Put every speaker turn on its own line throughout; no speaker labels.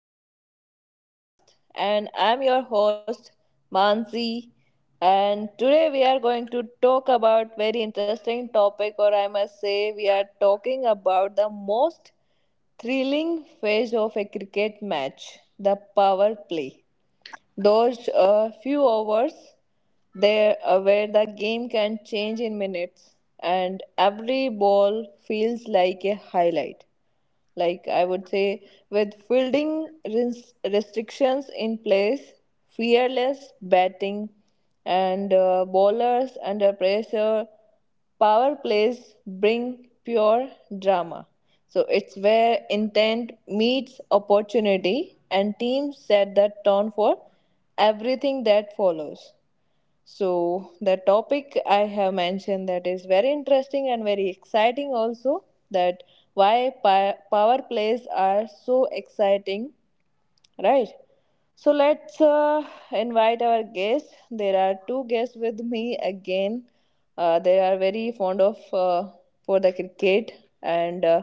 our new podcast. And I'm your host, Mansi. And today we are going to talk about very interesting topic, or I must say we are talking about the most thrilling phase of a cricket match, the power play. Those few hours there where the game can change in minutes, and every ball feels like a highlight, like I would say, with fielding restrictions in place, fearless batting, and bowlers under pressure, power plays bring pure drama. So it's where intent meets opportunity and teams set the tone for everything that follows. So the topic I have mentioned, that is very interesting and very exciting also, that why power plays are so exciting. Right. So let's invite our guests. There are two guests with me again. They are very fond of for the cricket, and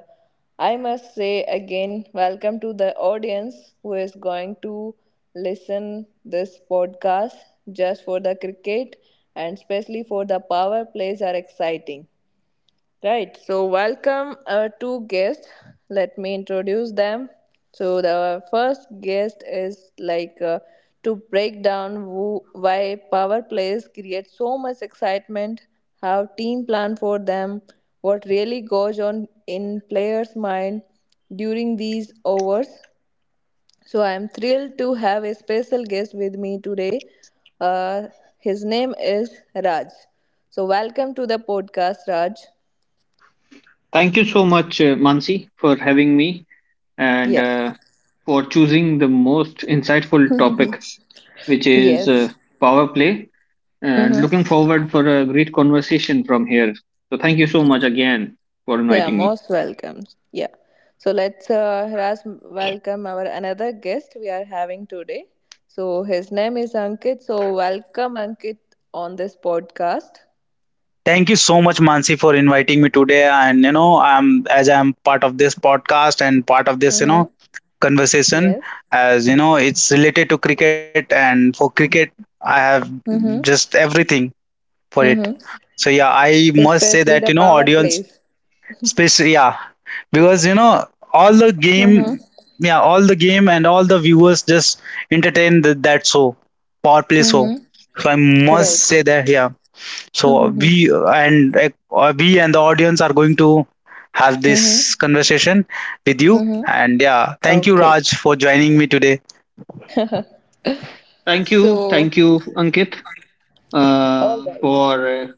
I must say again, welcome to the audience who is going to listen this podcast just for the cricket, and especially for the power plays are exciting. Right. So, welcome our two guests. Let me introduce them. So, the first guest is like to break down who, why power plays create so much excitement, how team plan for them, what really goes on in players' mind during these overs. So, I am thrilled to have a special guest with me today. Uh, his name is Raj. So, welcome to the podcast, Raj.
Thank you so much, Mansi, for having me and
Yeah.
for choosing the most insightful topic, which is
Yes.
power play. And
Mm-hmm.
looking forward for a great conversation from here. So thank you so much again for
Yeah,
inviting me.
most welcome. Yeah. So let's harass welcome our another guest we are having today. So his name is Ankit. So welcome Ankit on this podcast.
Thank you so much, Mansi, for inviting me today. And I'm as I'm part of this podcast and part of this,
Mm-hmm.
conversation.
Yes.
As you know, it's related to cricket, and for cricket, I have
Mm-hmm.
just everything for it.
Mm-hmm.
So yeah, I
So
must say
especially
that
the power
audience,
plays.
especially yeah, because all the
Mm-hmm.
game, yeah, all the game and all the viewers just entertain that show, power play show.
Mm-hmm.
So I must
Right.
say that yeah, so
Mm-hmm.
we and the audience are going to have
Mm-hmm.
this conversation with you.
Mm-hmm.
And yeah, thank you,
Okay.
Raj, for joining me today.
So,
Thank you, Ankit,
all right.
for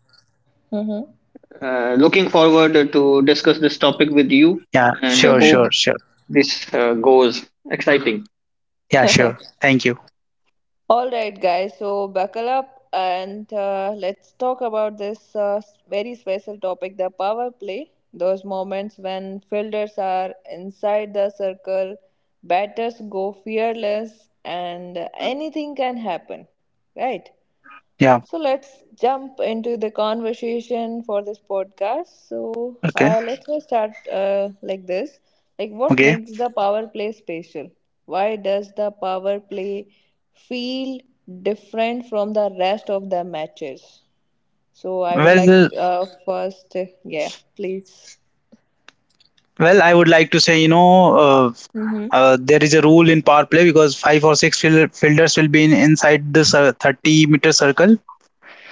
Mm-hmm.
looking forward to discuss this topic with you,
Yeah,
and I
sure,
hope
sure, sure.
this goes exciting.
Yeah, sure, thank you.
All right, guys, so buckle up and let's talk about this very special topic, the power play. Those moments when fielders are inside the circle, batters go fearless, and anything can happen, right?
Yeah.
So let's jump into the conversation for this podcast. So
Okay.
let's just start like this. Like, what
Okay.
makes the power play special? Why does the power play feel different from the rest of the matches? So I would like
well
uh, first, yeah, please.
well I would like to say
Mm-hmm.
there is a rule in power play because five or six fielders will be inside the 30-meter circle.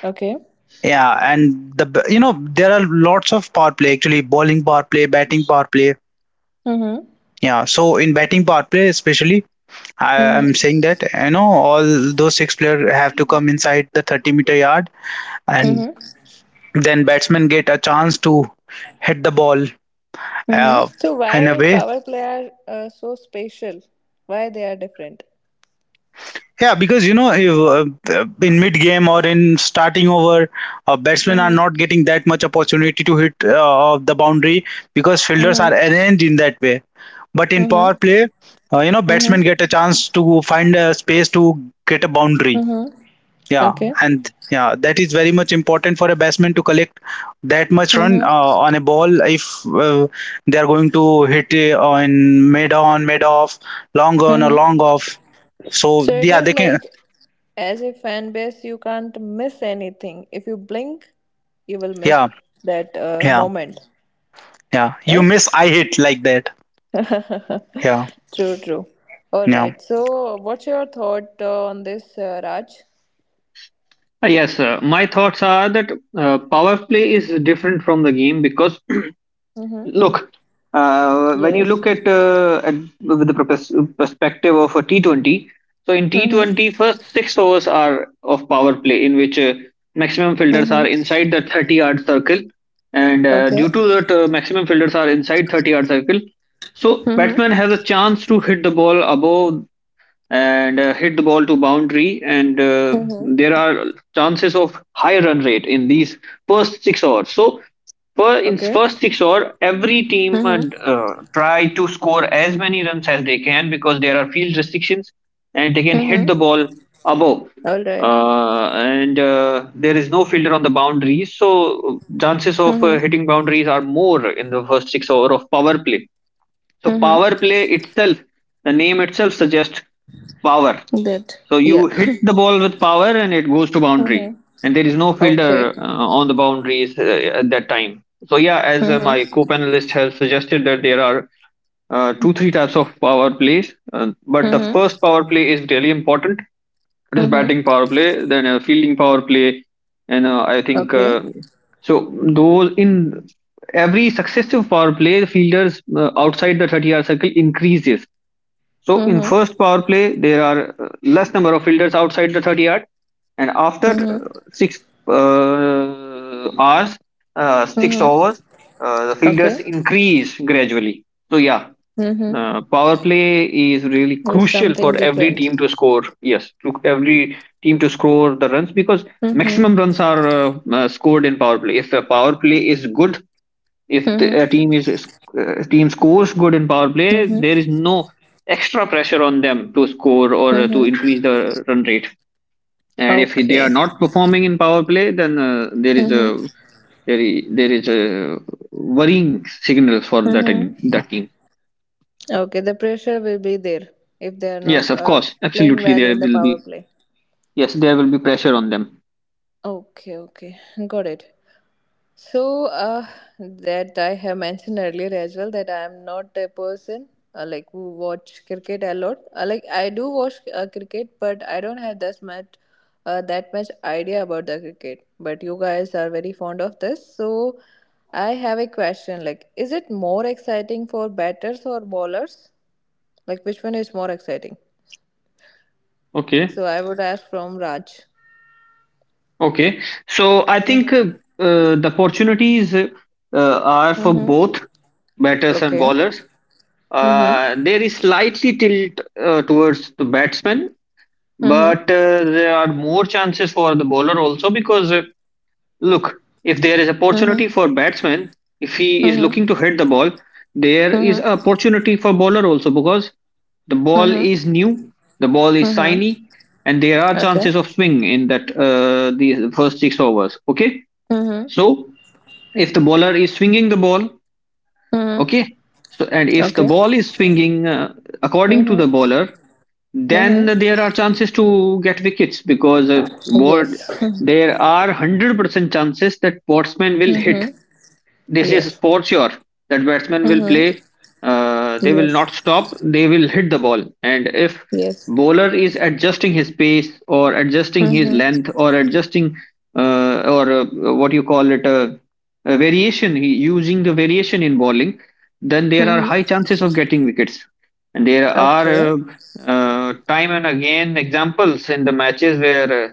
Okay.
Yeah, and you know, there are lots of power play, actually, bowling power play, batting power play.
Mm-hmm.
Yeah, so in batting power play, especially, I
Mm-hmm.
am saying that you know all those six players have to come inside the 30-meter yard, and
Mm-hmm.
then batsmen get a chance to hit the ball uh,
Mm-hmm. So
in a
why
way.
power play are so special? Why they are different?
Yeah, because you know, if in mid game or in starting over, batsmen are
Mm-hmm.
not getting that much opportunity to hit the boundary because fielders are arranged in that way. But in power
Mm-hmm.
play, you know,
Mm-hmm.
batsmen get a chance to find a space to get a boundary.
Mm-hmm.
Yeah,
Okay.
and yeah, that is very much important for a batsman to collect that much run
Mm-hmm.
on a ball if they are going to hit it on, mid off, long on or
Mm-hmm.
long off. So
So it
yeah,
is
they can.
like, as a fan base, you can't miss anything. If you blink, you will miss
Yeah,
that
yeah,
moment,
yeah. You
right?
miss, I hit like that. Yeah,
True, true. All
yeah,
right. So, what's your thought on this, Raj?
Yes, my thoughts are that power play is different from the game because
Mm-hmm.
look, when you
Yes.
look at with the perspective of a T20. So in T20,
Mm-hmm.
first six overs are of power play, in which maximum fielders are
Mm-hmm.
inside the 30-yard circle, and
Okay.
due to that, maximum fielders are inside 30-yard circle. So
Mm-hmm.
batsman has a chance to hit the ball above and hit the ball to boundary, and
Mm-hmm.
there are chances of high run rate in these first 6 overs. So for in
Okay.
first 6 over every team
Mm-hmm.
try to score as many runs as they can because there are field restrictions, and they can hit
Mm-hmm.
the ball above
All right.
and there is no fielder on the boundaries, so chances of
Mm-hmm.
hitting boundaries are more in the first 6 over of power play. So
Mm-hmm.
power play itself, the name itself suggests power.
Good.
So
Yeah.
you hit the ball with power and it goes to boundary,
Mm-hmm.
and there is no
Okay.
fielder on the boundaries at that time. So yeah, as my
Mm-hmm.
co-panelist has suggested, that there are two three types of power plays, but the
Mm-hmm.
first power play is really important. It is
Mm-hmm.
batting power play, then fielding power play, and I think
Okay.
so. Those in every successive power play, the fielders outside the 30-yard circle increases. So in
Mm-hmm.
first power play, there are less number of fielders outside the 30-yard, and after
Mm-hmm.
uh, hours, six
Mm-hmm.
overs, the fielders
Okay.
increase gradually. So yeah,
Mm-hmm.
power play is really
It's
crucial for
something
every
different.
team to score. Yes, to every team to score the runs because
Mm-hmm.
maximum runs are scored in power play. If the power play is good, if
Mm-hmm.
the a team is- team scores good in power play,
Mm-hmm.
there is no extra pressure on them to score or to
Mm-hmm.
increase the run rate. And if they
Okay.
are not performing in power play, then there is
Mm-hmm.
a there is, there is a worrying signal for that
Mm-hmm.
that team.
Okay. The pressure will be there if they are
Yes,
not
of course.
playing
Absolutely,
well
there
in the
will
power
be.
play.
Yes, there will be pressure on them.
Okay. Okay. Got it. So that I have mentioned earlier as well that I am not a person like who watch cricket a lot. Like, I do watch cricket, but I don't have that much that much idea about the cricket. But you guys are very fond of this, so I have a question. Like, is it more exciting for batters or bowlers? Like, which one is more exciting?
Okay.
So I would ask from Raj.
Okay. So I think
Mm-hmm.
the opportunities are for
Mm-hmm.
both batters and
Okay.
bowlers.
Mm-hmm.
There is slightly tilt towards the batsman, but
Mm-hmm.
there are more chances for the bowler also because look, if there is opportunity
Mm-hmm.
for batsman, if he is
Mm-hmm.
looking to hit the ball, there is
Mm-hmm.
opportunity for bowler also because the ball
Mm-hmm.
is new, the ball is
Mm-hmm.
shiny, and there are
Okay.
chances of swing in that the first six overs. Okay,
Mm-hmm.
so if the bowler is swinging the ball,
Mm-hmm.
okay, so and if the
Okay.
ball is swinging according to the
Mm-hmm.
bowler, then
Mm-hmm.
there are chances to get wickets because what
Yes.
there are 100% chances that batsman will hit.
Mm-hmm.
This is
Yes.
sports your that batsmen will
Mm-hmm.
play. They will not
Yes.
stop. They will hit the ball. And if
Yes.
bowler is adjusting his pace or adjusting his
Mm-hmm.
length or adjusting or what you call it a variation, using the variation in bowling, then there are
Mm-hmm.
high chances of getting wickets. And there are
Okay.
time and again examples in the matches where.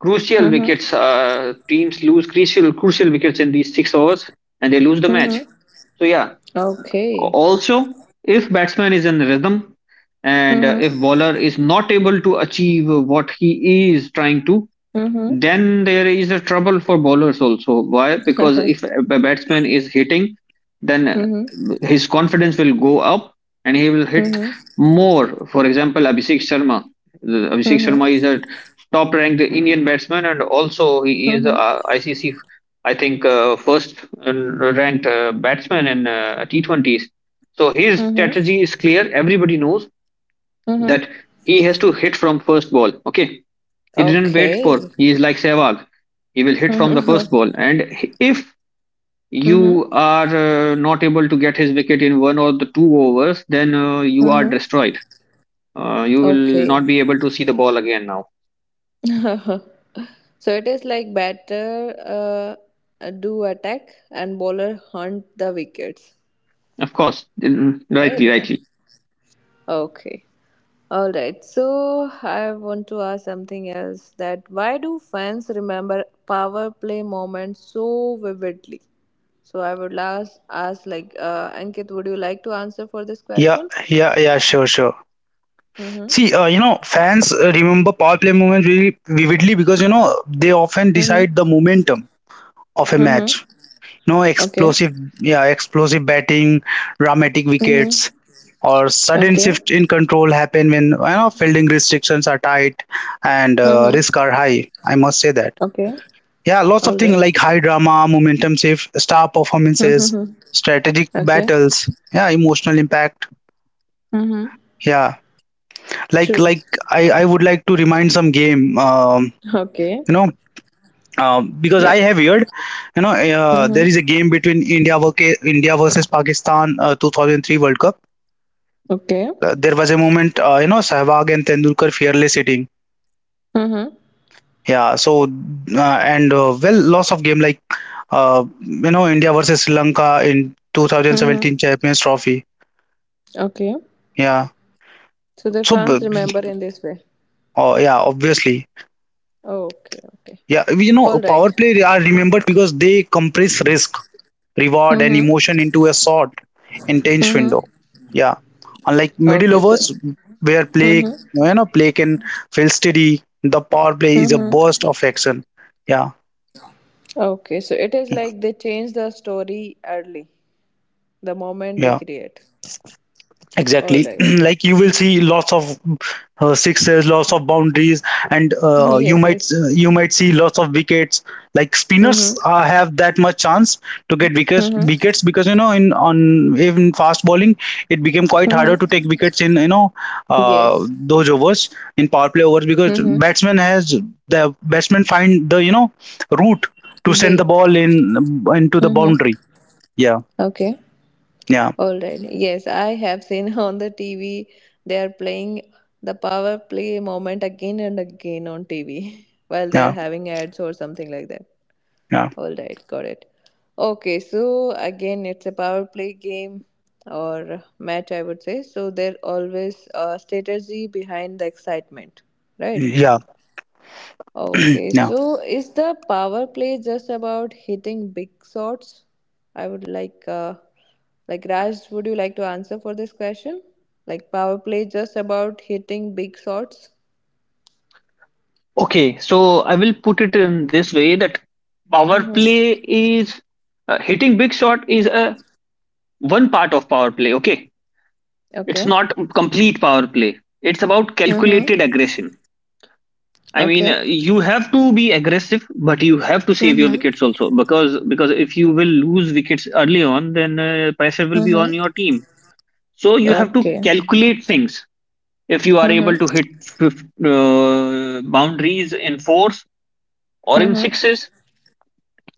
Crucial
Mm-hmm.
wickets. Teams lose crucial wickets in these six overs and they lose the match.
Mm-hmm.
So yeah.
Okay.
Also, if batsman is in rhythm and if
Mm-hmm.
bowler is not able to achieve what he is trying to,
Mm-hmm.
then there is a trouble for bowlers also. Why? Because if a batsman is hitting, then
Mm-hmm.
his confidence will go up and he will hit
Mm-hmm.
more. For example, Abhishek Sharma. Abhishek
Mm-hmm.
Sharma is a top ranked Indian batsman, and also he is
Mm-hmm.
ICC, I think, first ranked batsman in T20s. So his
Mm-hmm.
strategy is clear. Everybody knows that
Mm-hmm.
he has to hit from first ball. Okay, he didn't wait
Okay.
for. He is like Sehwag. He will hit from the first
Mm-hmm.
ball. And if you
Mm-hmm.
are not able to get his wicket in one or the two overs, then you are
Mm-hmm.
destroyed. You will
Okay.
not be able to see the ball again now.
So it is like batter do attack and bowler hunt the wickets,
Of course. Mm, rightly,
right?
rightly.
Okay. All right. So I want to ask something else, that why do fans remember power play moments so vividly? So I would last ask like Ankit, would you like to answer for this
yeah,
question?
yeah, yeah. Sure, sure.
Mm-hmm.
See, you know, fans remember power play moments really vividly because you know they often
Mm-hmm.
decide the momentum of a
Mm-hmm.
match. No
Okay.
explosive, yeah, explosive batting, dramatic
Mm-hmm.
wickets, or sudden
Okay.
shift in control happen when you know fielding restrictions are tight and
Mm-hmm.
risk are high. I must say that.
Okay.
Yeah, lots of
All
things like high drama, momentum shift, star performances,
right.
strategic
Okay.
battles. Yeah, emotional impact.
Mm-hmm.
Yeah,
True.
like I would like to remind some game.
Okay.
You know, because
Yeah.
I have heard, you know, there
Mm-hmm.
is a game between India versus Pakistan, 2003 World Cup.
Okay.
There was a moment, you know, Sehwag and Tendulkar fearless hitting.
Mm-hmm.
Yeah, so and well, loss of game like you know, India versus Sri Lanka in
Mm-hmm.
2017 Champions Trophy.
Okay.
Yeah,
So the
so
fans remember in this way.
oh yeah, obviously,
Okay. Okay.
yeah, you know,
All right.
power play are remembered because they compress risk, reward, and emotion
Mm-hmm.
into a short, intense
Mm-hmm.
window. Yeah. Unlike middle
Okay. So.
overs where play
Mm-hmm.
you know play can feel steady, the power play is a
Mm-hmm.
burst of action. Yeah,
Okay. So it is
yeah.
like they change the story early, the moment
Yeah.
they create.
Exactly.
All right.
Like you will see lots of sixes, lots of boundaries, and
Mm-hmm. Yes. Yes.
you might see lots of wickets. Like spinners
Mm-hmm.
have that much chance to get wickets
Mm-hmm.
because you know, in on even fast bowling, it became quite harder to take
Mm-hmm.
wickets in you know uh,
Yes.
those overs, in power play overs, because
Mm-hmm.
batsman has the batsman find the, you know, route to send the
Way.
ball in into the boundary.
Mm-hmm.
Yeah,
Okay.
yeah,
All right. Yes, I have seen on the TV they are playing the power play moment again and again on TV while they are
yeah,
having ads or something like that.
yeah,
All right, got it. Okay, so again it's a power play game or match I would say. So there always a strategy behind the excitement, right?
yeah.
Okay,
Yeah.
so is the power play just about hitting big shots? I would like Raj, would you like to answer for this question? Like power play just about hitting big shots?
Okay, so I will put it in this way that power
Mm-hmm.
play is hitting big shot is a one part of power play. Okay, it's
Okay.
not complete power play. It's about
Mm-hmm.
calculated aggression. I mean,
Okay.
you have to be aggressive, but you have to save your
Mm-hmm.
wickets also because if you will lose wickets early on, then pressure will be
Mm-hmm.
on your team. So you have to
Okay.
calculate things. If you are able to
Mm-hmm.
hit boundaries in fours or in
Mm-hmm.
sixes,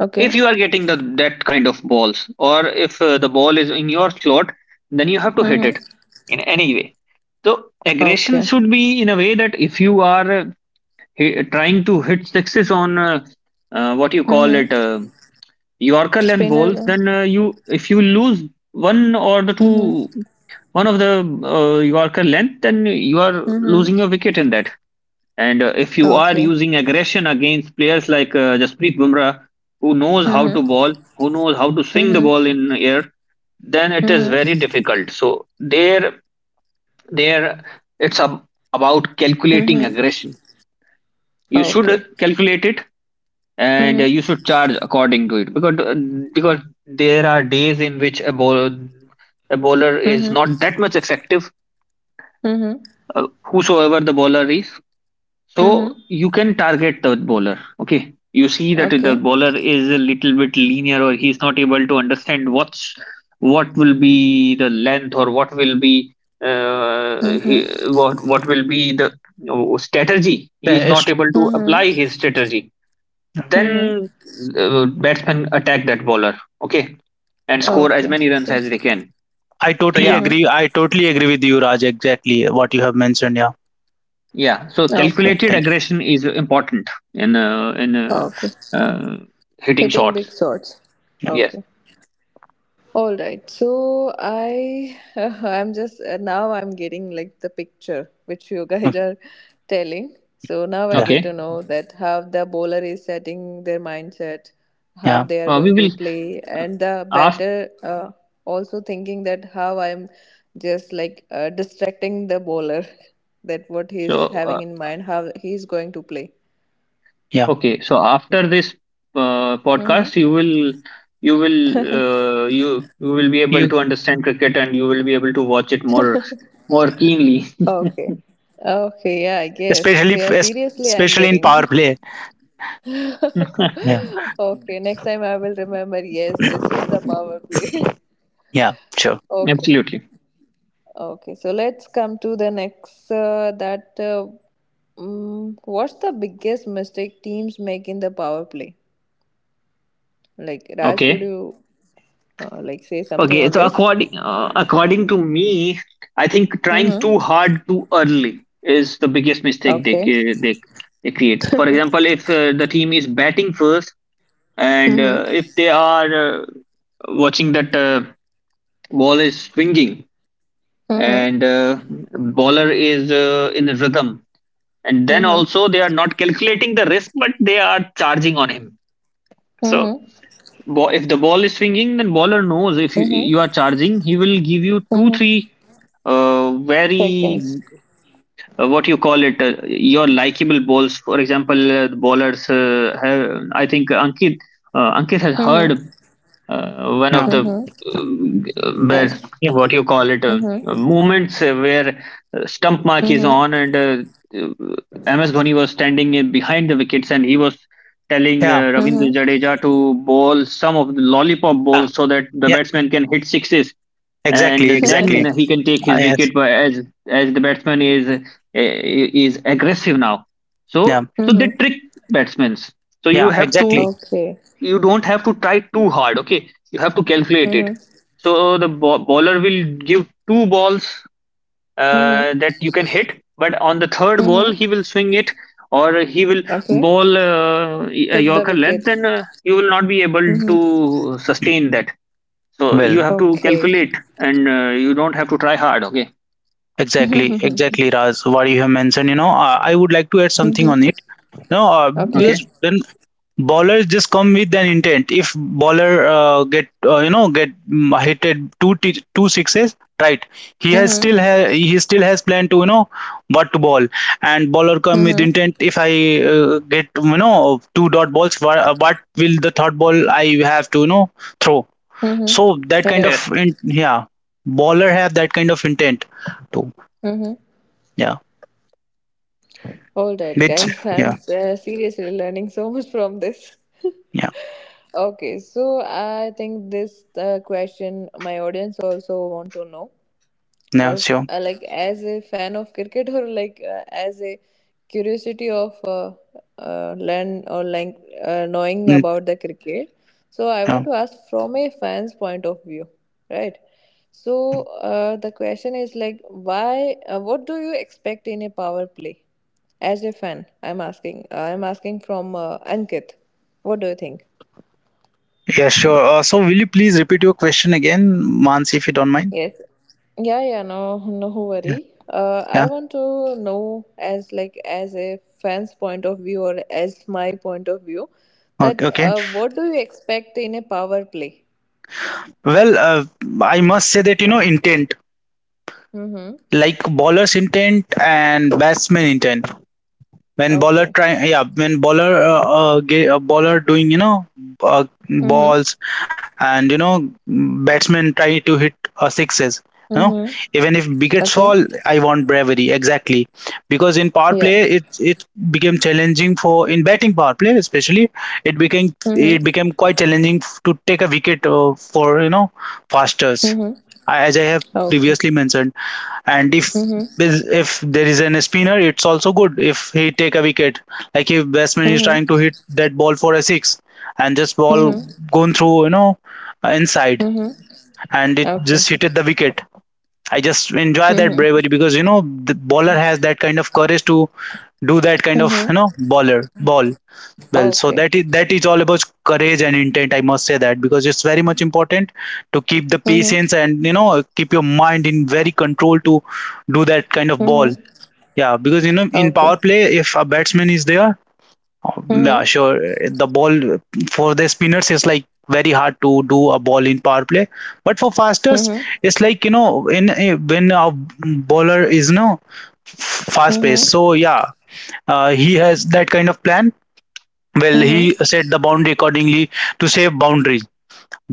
Okay.
if you are getting that kind of balls, or if the ball is in your slot, then you have to hit it
Mm-hmm.
in any way. So aggression
Okay.
should be in a way that if you are trying to hit sixes on what you call
Mm-hmm.
it Yorker length
Spin
balls,
over.
then you if you lose one or the
Mm-hmm.
two, one of the Yorker length, then you are losing
Mm-hmm.
your wicket in that. And if you are
Okay.
using aggression against players like Jasprit Bumrah, who knows how to
Mm-hmm.
ball, who knows how to swing the
Mm-hmm.
ball in air, then it is very
Mm-hmm.
difficult. So there, it's about calculating
Mm-hmm.
aggression. You should
Okay.
calculate it, and you
Mm-hmm.
should charge according to it because because there are days in which a bowler is
Mm-hmm.
not that much effective,
Mm-hmm.
whosoever the bowler is. So
Mm-hmm.
you can target the bowler. Okay, you see that
Okay.
the bowler is a little bit linear, or he's not able to understand what will be the length, or what will be
Mm-hmm.
what will be the strategy. He is
Yes,
not able to apply his
Mm-hmm.
strategy,
Mm-hmm.
then batsmen attack that bowler. Okay, and score as
Okay.
many runs
So.
as they can.
I
So
totally
yeah,
agree.
Mm-hmm.
I totally agree with you, Raj. Exactly what you have mentioned. Yeah.
yeah, so
Okay.
calculated
Thank
aggression is important in
Okay.
uh, hitting
Hitting big
shots.
swords.
Yes.
Okay. All right. So I I'm just now I'm getting like the picture which you
you. Mm,
guys are telling. So now I
yeah.
get
Okay,
to know that how the bowler is setting their mindset, how
Yeah.
they are
we
going to
will
play,
uh,
and the
ask.
batter also thinking that how I'm just like distracting the bowler that what
so
he's having
uh,
in mind, how he's going to play.
Yeah.
okay, so after this
Mm-hmm.
podcast, you will you will be able
You,
to understand cricket and you will be able to watch it more keenly.
Okay. Okay, yeah, I guess.
especially
Yeah, seriously, I'm
especially in
getting.
power play. Yeah.
Okay, next time I will remember. Yes, this is the power play.
Yeah. Sure.
Okay,
Absolutely.
okay. So let's come to the next. That mm, what's the biggest mistake teams make in the power play? Like Raj, would
Okay.
you like say something
Okay,
on
so
this?
according to me, I think trying
Mm-hmm.
too hard too early is the biggest mistake they
Okay.
ca- they, they create. For example, if the team is batting first, and
Mm-hmm.
if they are watching that ball is swinging,
Mm-hmm.
and bowler is in a rhythm, and then
Mm-hmm.
also they are not calculating the risk, but they are charging on him. So
Mm-hmm.
if the ball is swinging, then bowler knows if you,
Mm-hmm.
you are charging, he will give you two
Mm-hmm.
three very
Seconds.
what you call it your likable bowls. For example, the bowlers I think Ankit, Ankit has heard
Mm-hmm.
one
Yeah.
of the
Mm-hmm.
but
Best.
Yeah.
what you call it
Mm-hmm.
moments where stump mark is
Mm-hmm.
on, and MS Dhoni was standing in behind the wickets and he was telling
Yeah.
Ravindra Jadeja to bowl some of the lollipop
Yeah.
bowls so that the
Yeah.
batsman can hit sixes and
Exactly.
then
Mm-hmm.
Exactly.
he can take
Ah,
his
yes.
wicket by as the batsman is aggressive now. So
Yeah.
they
Mm-hmm.
trick batsmen. So you
Yeah.
have to
Exactly.
Okay.
you don't have to try too hard. Okay, you have to calculate it.
Mm-hmm.
So the bowler will give two balls
Mm-hmm.
that you can hit, but on the third ball
Mm-hmm.
he will swing it or he will
Okay.
bowl a
Took the
yorker
wicket.
length and you will not be able
Mm-hmm.
to sustain that. So you
Well.
have to
Okay.
calculate, and you don't have to try hard. Okay.
Exactly.
Mm-hmm.
Exactly, Raj, what you have mentioned. You know, I would like to add something on it. No,
Okay.
Okay.
because when bowlers just come with an intent. If bowler get you know, get mm, hitted two sixes, right? He has
Mm-hmm.
he still has plan to, you know, what to ball, and bowler come with
Mm-hmm.
intent. If I get, you know, two dot balls, what will the third ball I have to, you know, throw?
Mm-hmm.
So that kind of
Right.
Yes.
yeah, bowler have that kind of intent too.
Mm-hmm.
Yeah,
All right,
which
guys. I'm
yeah,
seriously learning so much from this.
yeah,
Okay, so I think this question my audience also want to know, or
yeah,
f-
sure.
uh, like as a fan of cricket, or like as a curiosity of learn, or like knowing
Mm,
about the cricket. So I
yeah.
want to ask from a fan's point of view, right? So the question is like, why what do you expect in a power play? As a fan, I'm asking from Ankit, what do you think?
Yeah, sure. So will you please repeat your question again, Mans, if you don't mind?
Yes. Yeah, yeah, no, no,
Yeah.
worry. I
Yeah.
want to know as like as a fan's point of view or as my point of view,
Okay.
that
Okay.
what do you expect in a power play?
Well, I must say that, you know, intent,
Mm-hmm.
like bowler's intent and batsman intent. When bowler
Okay.
try, yeah, when bowler bowler doing, you know, uh,
Mm-hmm.
balls, and you know, batsmen try to hit sixes, you know,
Mm-hmm.
even if wickets
Okay.
fall, I want bravery exactly, because in power play
Yeah.
it became challenging for, in batting power play especially, it became, it
Mm-hmm.
became quite challenging to take a wicket for, you know, fasters,
Mm-hmm.
as I have
Okay.
previously mentioned. And
Mm-hmm.
if there is an spinner, it's also good if he take a wicket. Like if batsman is
Mm-hmm.
trying to hit that ball for a six, and just ball
Mm-hmm.
gone through, you know, inside,
Mm-hmm.
and it
Okay.
just hit the wicket. I just enjoy that
Mm-hmm.
bravery, because you know the bowler has that kind of courage to do that kind of, you know,
Mm-hmm.
bowler ball. Well, so
Okay.
that is, that is all about courage and intent, I must say that, because it's very much important to keep the patience
Mm-hmm.
and, you know, keep your mind in very control to do that kind of ball.
Mm-hmm.
Yeah, because you know, in power
Okay.
play, if a batsman is there, yeah,
Mm-hmm.
sure, the ball for the spinners is like very hard to do a ball in power play, but for fasters
Mm-hmm.
it's like, you know, in eh, when a bowler is, you know, fast
Mm-hmm.
paced, so yeah, he has that kind of plan. Well, he
Mm-hmm.
set the boundary accordingly to save boundaries.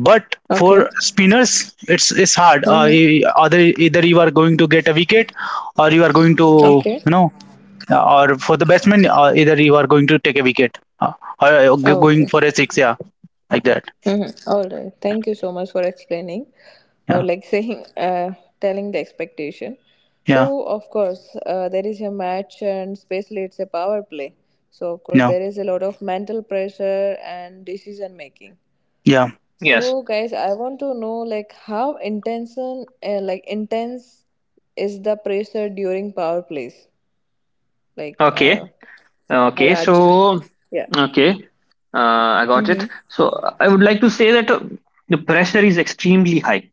But
Okay.
for spinners, it's hard,
Mm-hmm.
either, either you are going to get a wicket, or you are going to,
Okay.
you know, or for the batsman, either you are going to take a wicket, or
Oh,
going
okay.
for a six. Yeah, like that.
Mm-hmm. All right. Thank you so much for explaining, or
Yeah,
like saying, telling the expectation.
yeah.
So of course, there is a match, and especially it's a power play. So of course,
No,
there is a lot of mental pressure and decision making.
yeah,
Yes.
So guys, I want to know like how intense, is the pressure during power plays? Like,
Okay. Okay. So
Raj. Yeah.
okay, I got it.
Mm-hmm.
So I would like to say that the pressure is extremely high.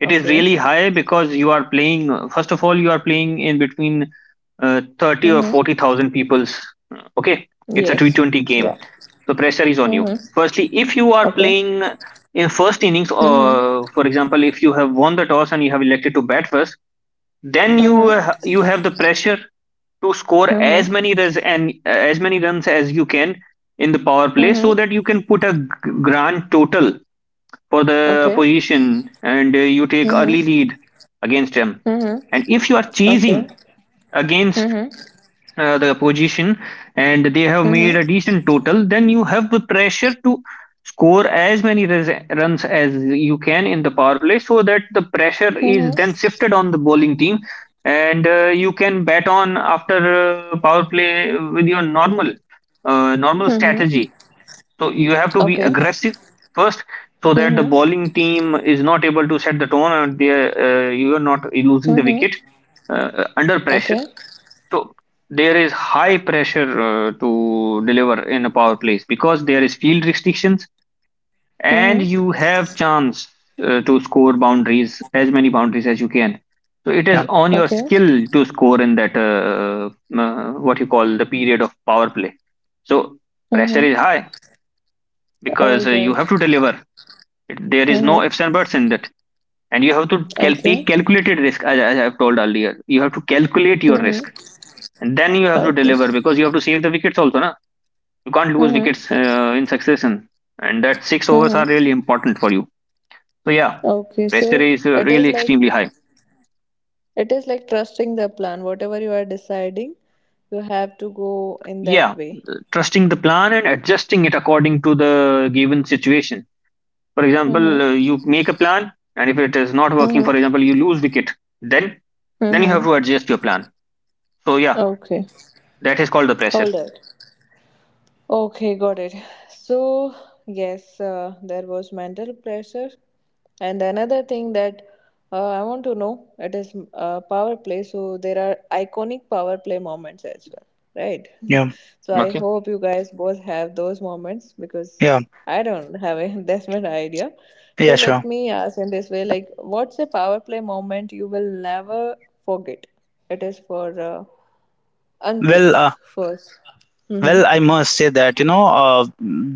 It is
Okay.
really high because you are playing. First of all, you are playing in between thirty or
Mm-hmm.
forty thousand people's. Okay, it's a T
Yes.
20
Yeah.
game, so pressure is on you.
Mm-hmm.
Firstly, if you are
Okay.
playing in first innings,
Mm-hmm.
or for example, if you have won the toss and you have elected to bat first, then you
Mm-hmm.
uh, you have the pressure to score as
Mm-hmm.
many runs and as many runs as you can in the power play so
Mm-hmm.
that you can put a grand total for the
Okay.
position, and you take
Mm-hmm.
early lead against them. And
Mm-hmm.
if you are
Okay.
chasing against
Mm-hmm.
the position, and they have made
Mm-hmm.
a decent total, then you have the pressure to score as many runs as you can in the power play, so that the pressure
Mm-hmm.
is then shifted on the bowling team, and you can bat on after power play with your normal
Mm-hmm.
strategy. So you have to be
Okay.
aggressive first, so that the
Mm-hmm.
bowling team is not able to set the tone, and they you are not losing the
Mm-hmm.
wicket under pressure.
Okay.
So there is high pressure to deliver in a power plays, because there is field restrictions, and
Mm-hmm.
you have chance to score boundaries, as many boundaries as you can. So it is
yeah,
on your
Okay.
skill to score in that what you call the period of power play. So pressure is
Mm-hmm.
high because
All
you
right.
have to deliver. There is no
Mm-hmm.
ifs and buts in that, and you have to
Okay.
take calculated risk. As I've told earlier, you have to calculate your risk,
Mm-hmm.
and then you have to
Okay.
deliver because you have to save the wickets also, na? You can't lose
Mm-hmm.
wickets in succession, and that 6 overs are
Mm-hmm.
really important for you. So yeah,
Okay.
pressure
So
is
it is
really
like,
extremely high.
it is like trusting the plan. Whatever you are deciding, you have to go in
Yeah,
that way.
trusting the plan and adjusting it according to the given situation. For example,
Mm-hmm.
you make a plan, and if it is not working, for
Mm-hmm.
example, you lose wicket, then then you have
Mm-hmm.
to adjust your plan. So yeah,
Okay.
that is called the pressure.
Hold it. Okay, got it. So, yes, there was mental pressure. And another thing that I want to know, it is power play. So there are iconic power play moments as well, right?
yeah,
So I
Okay.
hope you guys both have those moments, because
yeah,
I don't have a investment idea. So
yeah,
let
sure.
me ask in this way, like, what's a power play moment you will never forget? It is for Ankit
Well,
first. Mm-hmm.
well, I must say that you know,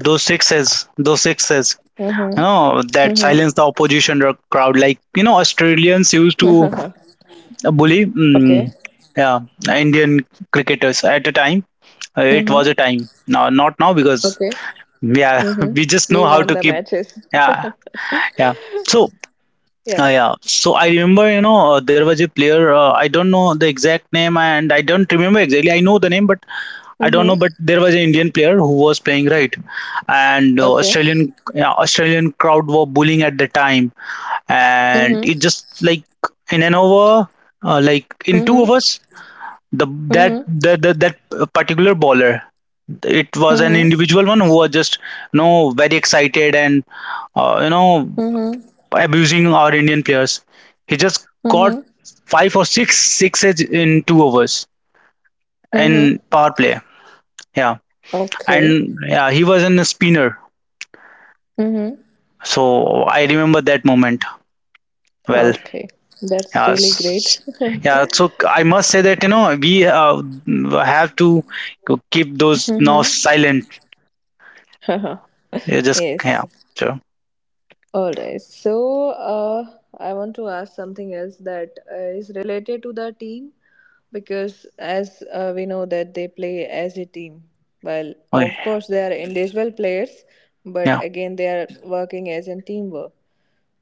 those sixes, those sixes,
Mhm.
you know, that
Mhm.
silence the opposition or crowd, like you know, Australians used to bully, mm,
Okay.
yeah, Indian cricketers at a time. It was
Mhm.
a time, now not now, because
Okay.
yeah
Mhm.
we just know
We
how
won
to
the
keep.
matches.
Yeah, yeah, so
Yeah.
yeah, so I remember, you know, there was a player, I don't know the exact name, and I don't remember exactly. I know the name, but I don't
Mhm.
know. But there was an Indian player who was playing, right, and
Okay.
Australian, yeah, Australian crowd were bullying at the time, and
Mhm.
it just like in an over, like in two
Mhm.
overs, the that
Mhm.
that that, that particular bowler, it was an
Mhm.
individual one who was just, you know, very excited, and you know,
Mhm.
abusing our Indian players. He just got
Mhm.
five or six sixes in two overs
Mhm.
in power play. Yeah,
Okay.
and yeah, he was in a spinner.
Mhm.
So I remember that moment well.
Okay. That's
Yeah,
really great.
yeah. So I must say that, you know, we have to keep those now
Mhm.
silent. You just, yeah,
Yes.
sure.
All right. So, uh, I want to ask something else that is related to the team, because, as we know, that they play as a team. Well, of
Okay.
course, they are individual players, but
Yeah.
again, they are working as a teamwork.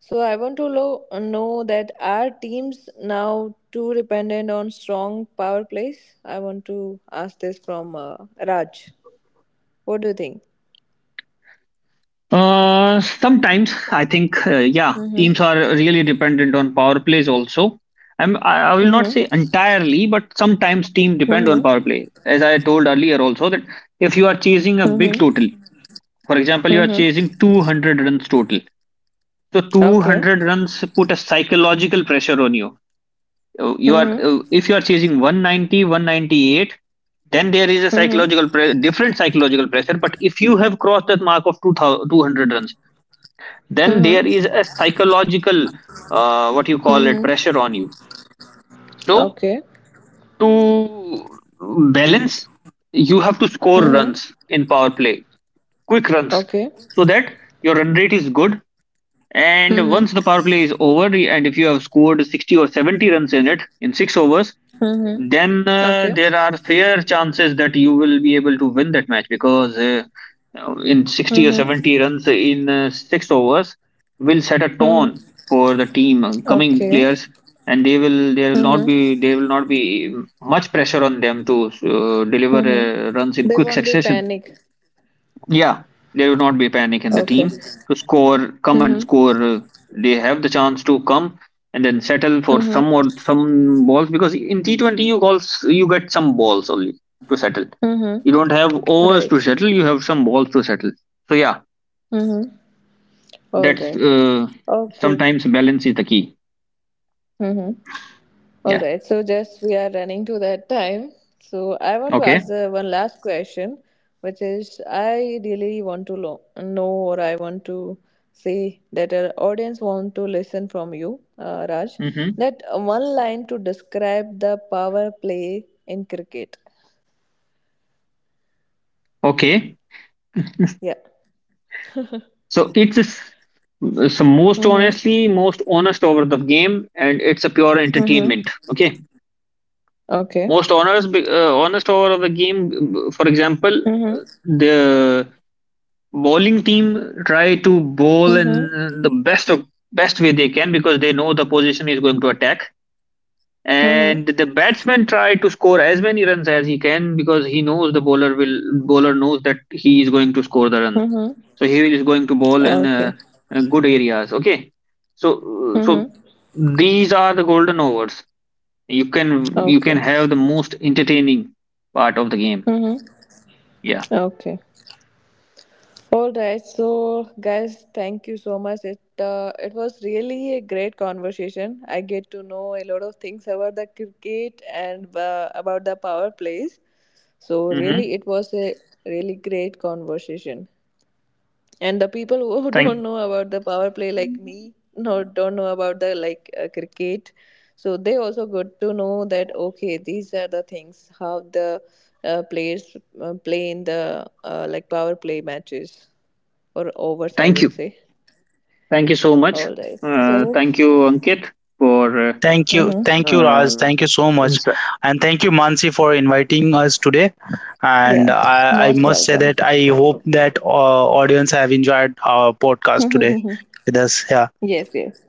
So, I want to know that, are teams now too dependent on strong power plays? I want to ask this from Raj. What do you think?
Sometimes I think, yeah, teams
Mm-hmm.
are really dependent on power plays also. I will not
Mm-hmm.
say entirely, but sometimes team depend on
Mm-hmm.
power play. As I told earlier also, that if you are chasing a big total, for example, you are
Mm-hmm.
chasing 200 runs total. So
Okay.
200 runs put a psychological pressure on you. You are
Mm-hmm.
If you are chasing one ninety one ninety eight, then there is a
Mm-hmm.
psychological different psychological pressure. But if you have crossed that mark of 2000 200 runs, then there is
Mm-hmm.
a psychological, what you call it,
Mm-hmm.
pressure on you. So
Okay.
to balance, you have to score
Mm-hmm.
runs in power play, quick runs,
Okay.
so that your run rate is good, and
Mm-hmm.
once the power play is over, and if you have scored 60 or 70 runs in it in 6 overs,
Mm-hmm.
then,
Okay.
there are fair chances that you will be able to win that match, because, in 60 or
Mm-hmm.
70 runs in, 6 overs will set a tone
Mm-hmm.
for the team, coming
Okay.
players, and they will there will not
Mm-hmm.
be there will not be much pressure on them to, deliver, runs
Mm-hmm.
in
They
quick
won't be
succession.
panic.
Yeah, there will not be panic in the
Okay.
team to score, come and
Mm-hmm.
score. They have the chance to come and then settle for some
Mm-hmm.
or some balls, because in T20 you get some balls only to settle.
Mm-hmm.
You don't have overs
Right.
to settle. You have some balls to settle. So yeah,
Mm-hmm. All
that's
right. Okay.
sometimes balance is the key.
Mm-hmm. All
Yeah.
right, so just we are running to that time. So I want to
Okay.
ask one last question, which is I really want to know, or I want to say that our audience want to listen from you, Raj,
Hmm.
that one line to describe the power play in cricket.
Okay.
Yeah.
So most
Mm-hmm.
honestly most honest over the game, and it's a pure
Mm-hmm.
entertainment. Okay.
Okay.
Most honest over of the game. For example,
Mm-hmm.
the bowling team try to bowl in
Mm-hmm.
the best of best way they can, because they know the position is going to attack,
Mm-hmm.
and the batsman try to score as many runs as he can, because he knows the bowler knows that he is going to score the run,
Mm-hmm.
so he is going to bowl in
Okay.
good areas. Okay, so
Mm-hmm.
these are the golden overs. You can
Okay.
have the most entertaining part of the game.
Mm-hmm.
Yeah.
Okay. All right, so guys, thank you so much. It was really a great conversation. I get to know a lot of things about the cricket and about the power plays. So really,
Hmm.
it was a really great conversation, and the people who
thank
don't know about the power play like me, no, don't know about the cricket, so they also got to know that, okay, these are the things how the players play in the like power play matches, or overs I
thank you
would say.
Thank you so much.
All right, so
Thank you, Ankit, for
mhm.
Thank you, Raj.
uh,
Thank you so much,
insight.
and thank you, Mansi, for inviting us today. And
Yeah,
I
most
must say
welcome.
that I hope that audience have enjoyed our podcast today with us. Yeah,
Yes, yes.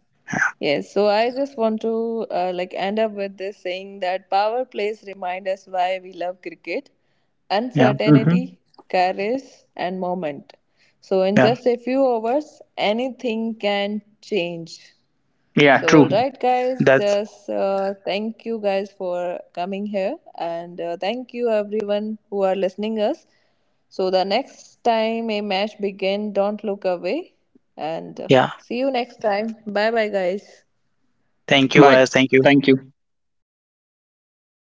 Yes, so I just want to like end up with this saying that power plays remind us why we love cricket:
yeah,
Hmm.
uncertainty, courage, and moment. So in
yeah.
just a few hours, anything can change.
Yeah,
So, all
true.
right, guys,
That's
just thank you guys for coming here, and thank you everyone who are listening us. So, the next time a match begin, don't look away, and
yeah.
see you next time. Bye, bye, guys.
Thank you,
Bye.
guys. Thank you.
Thank you.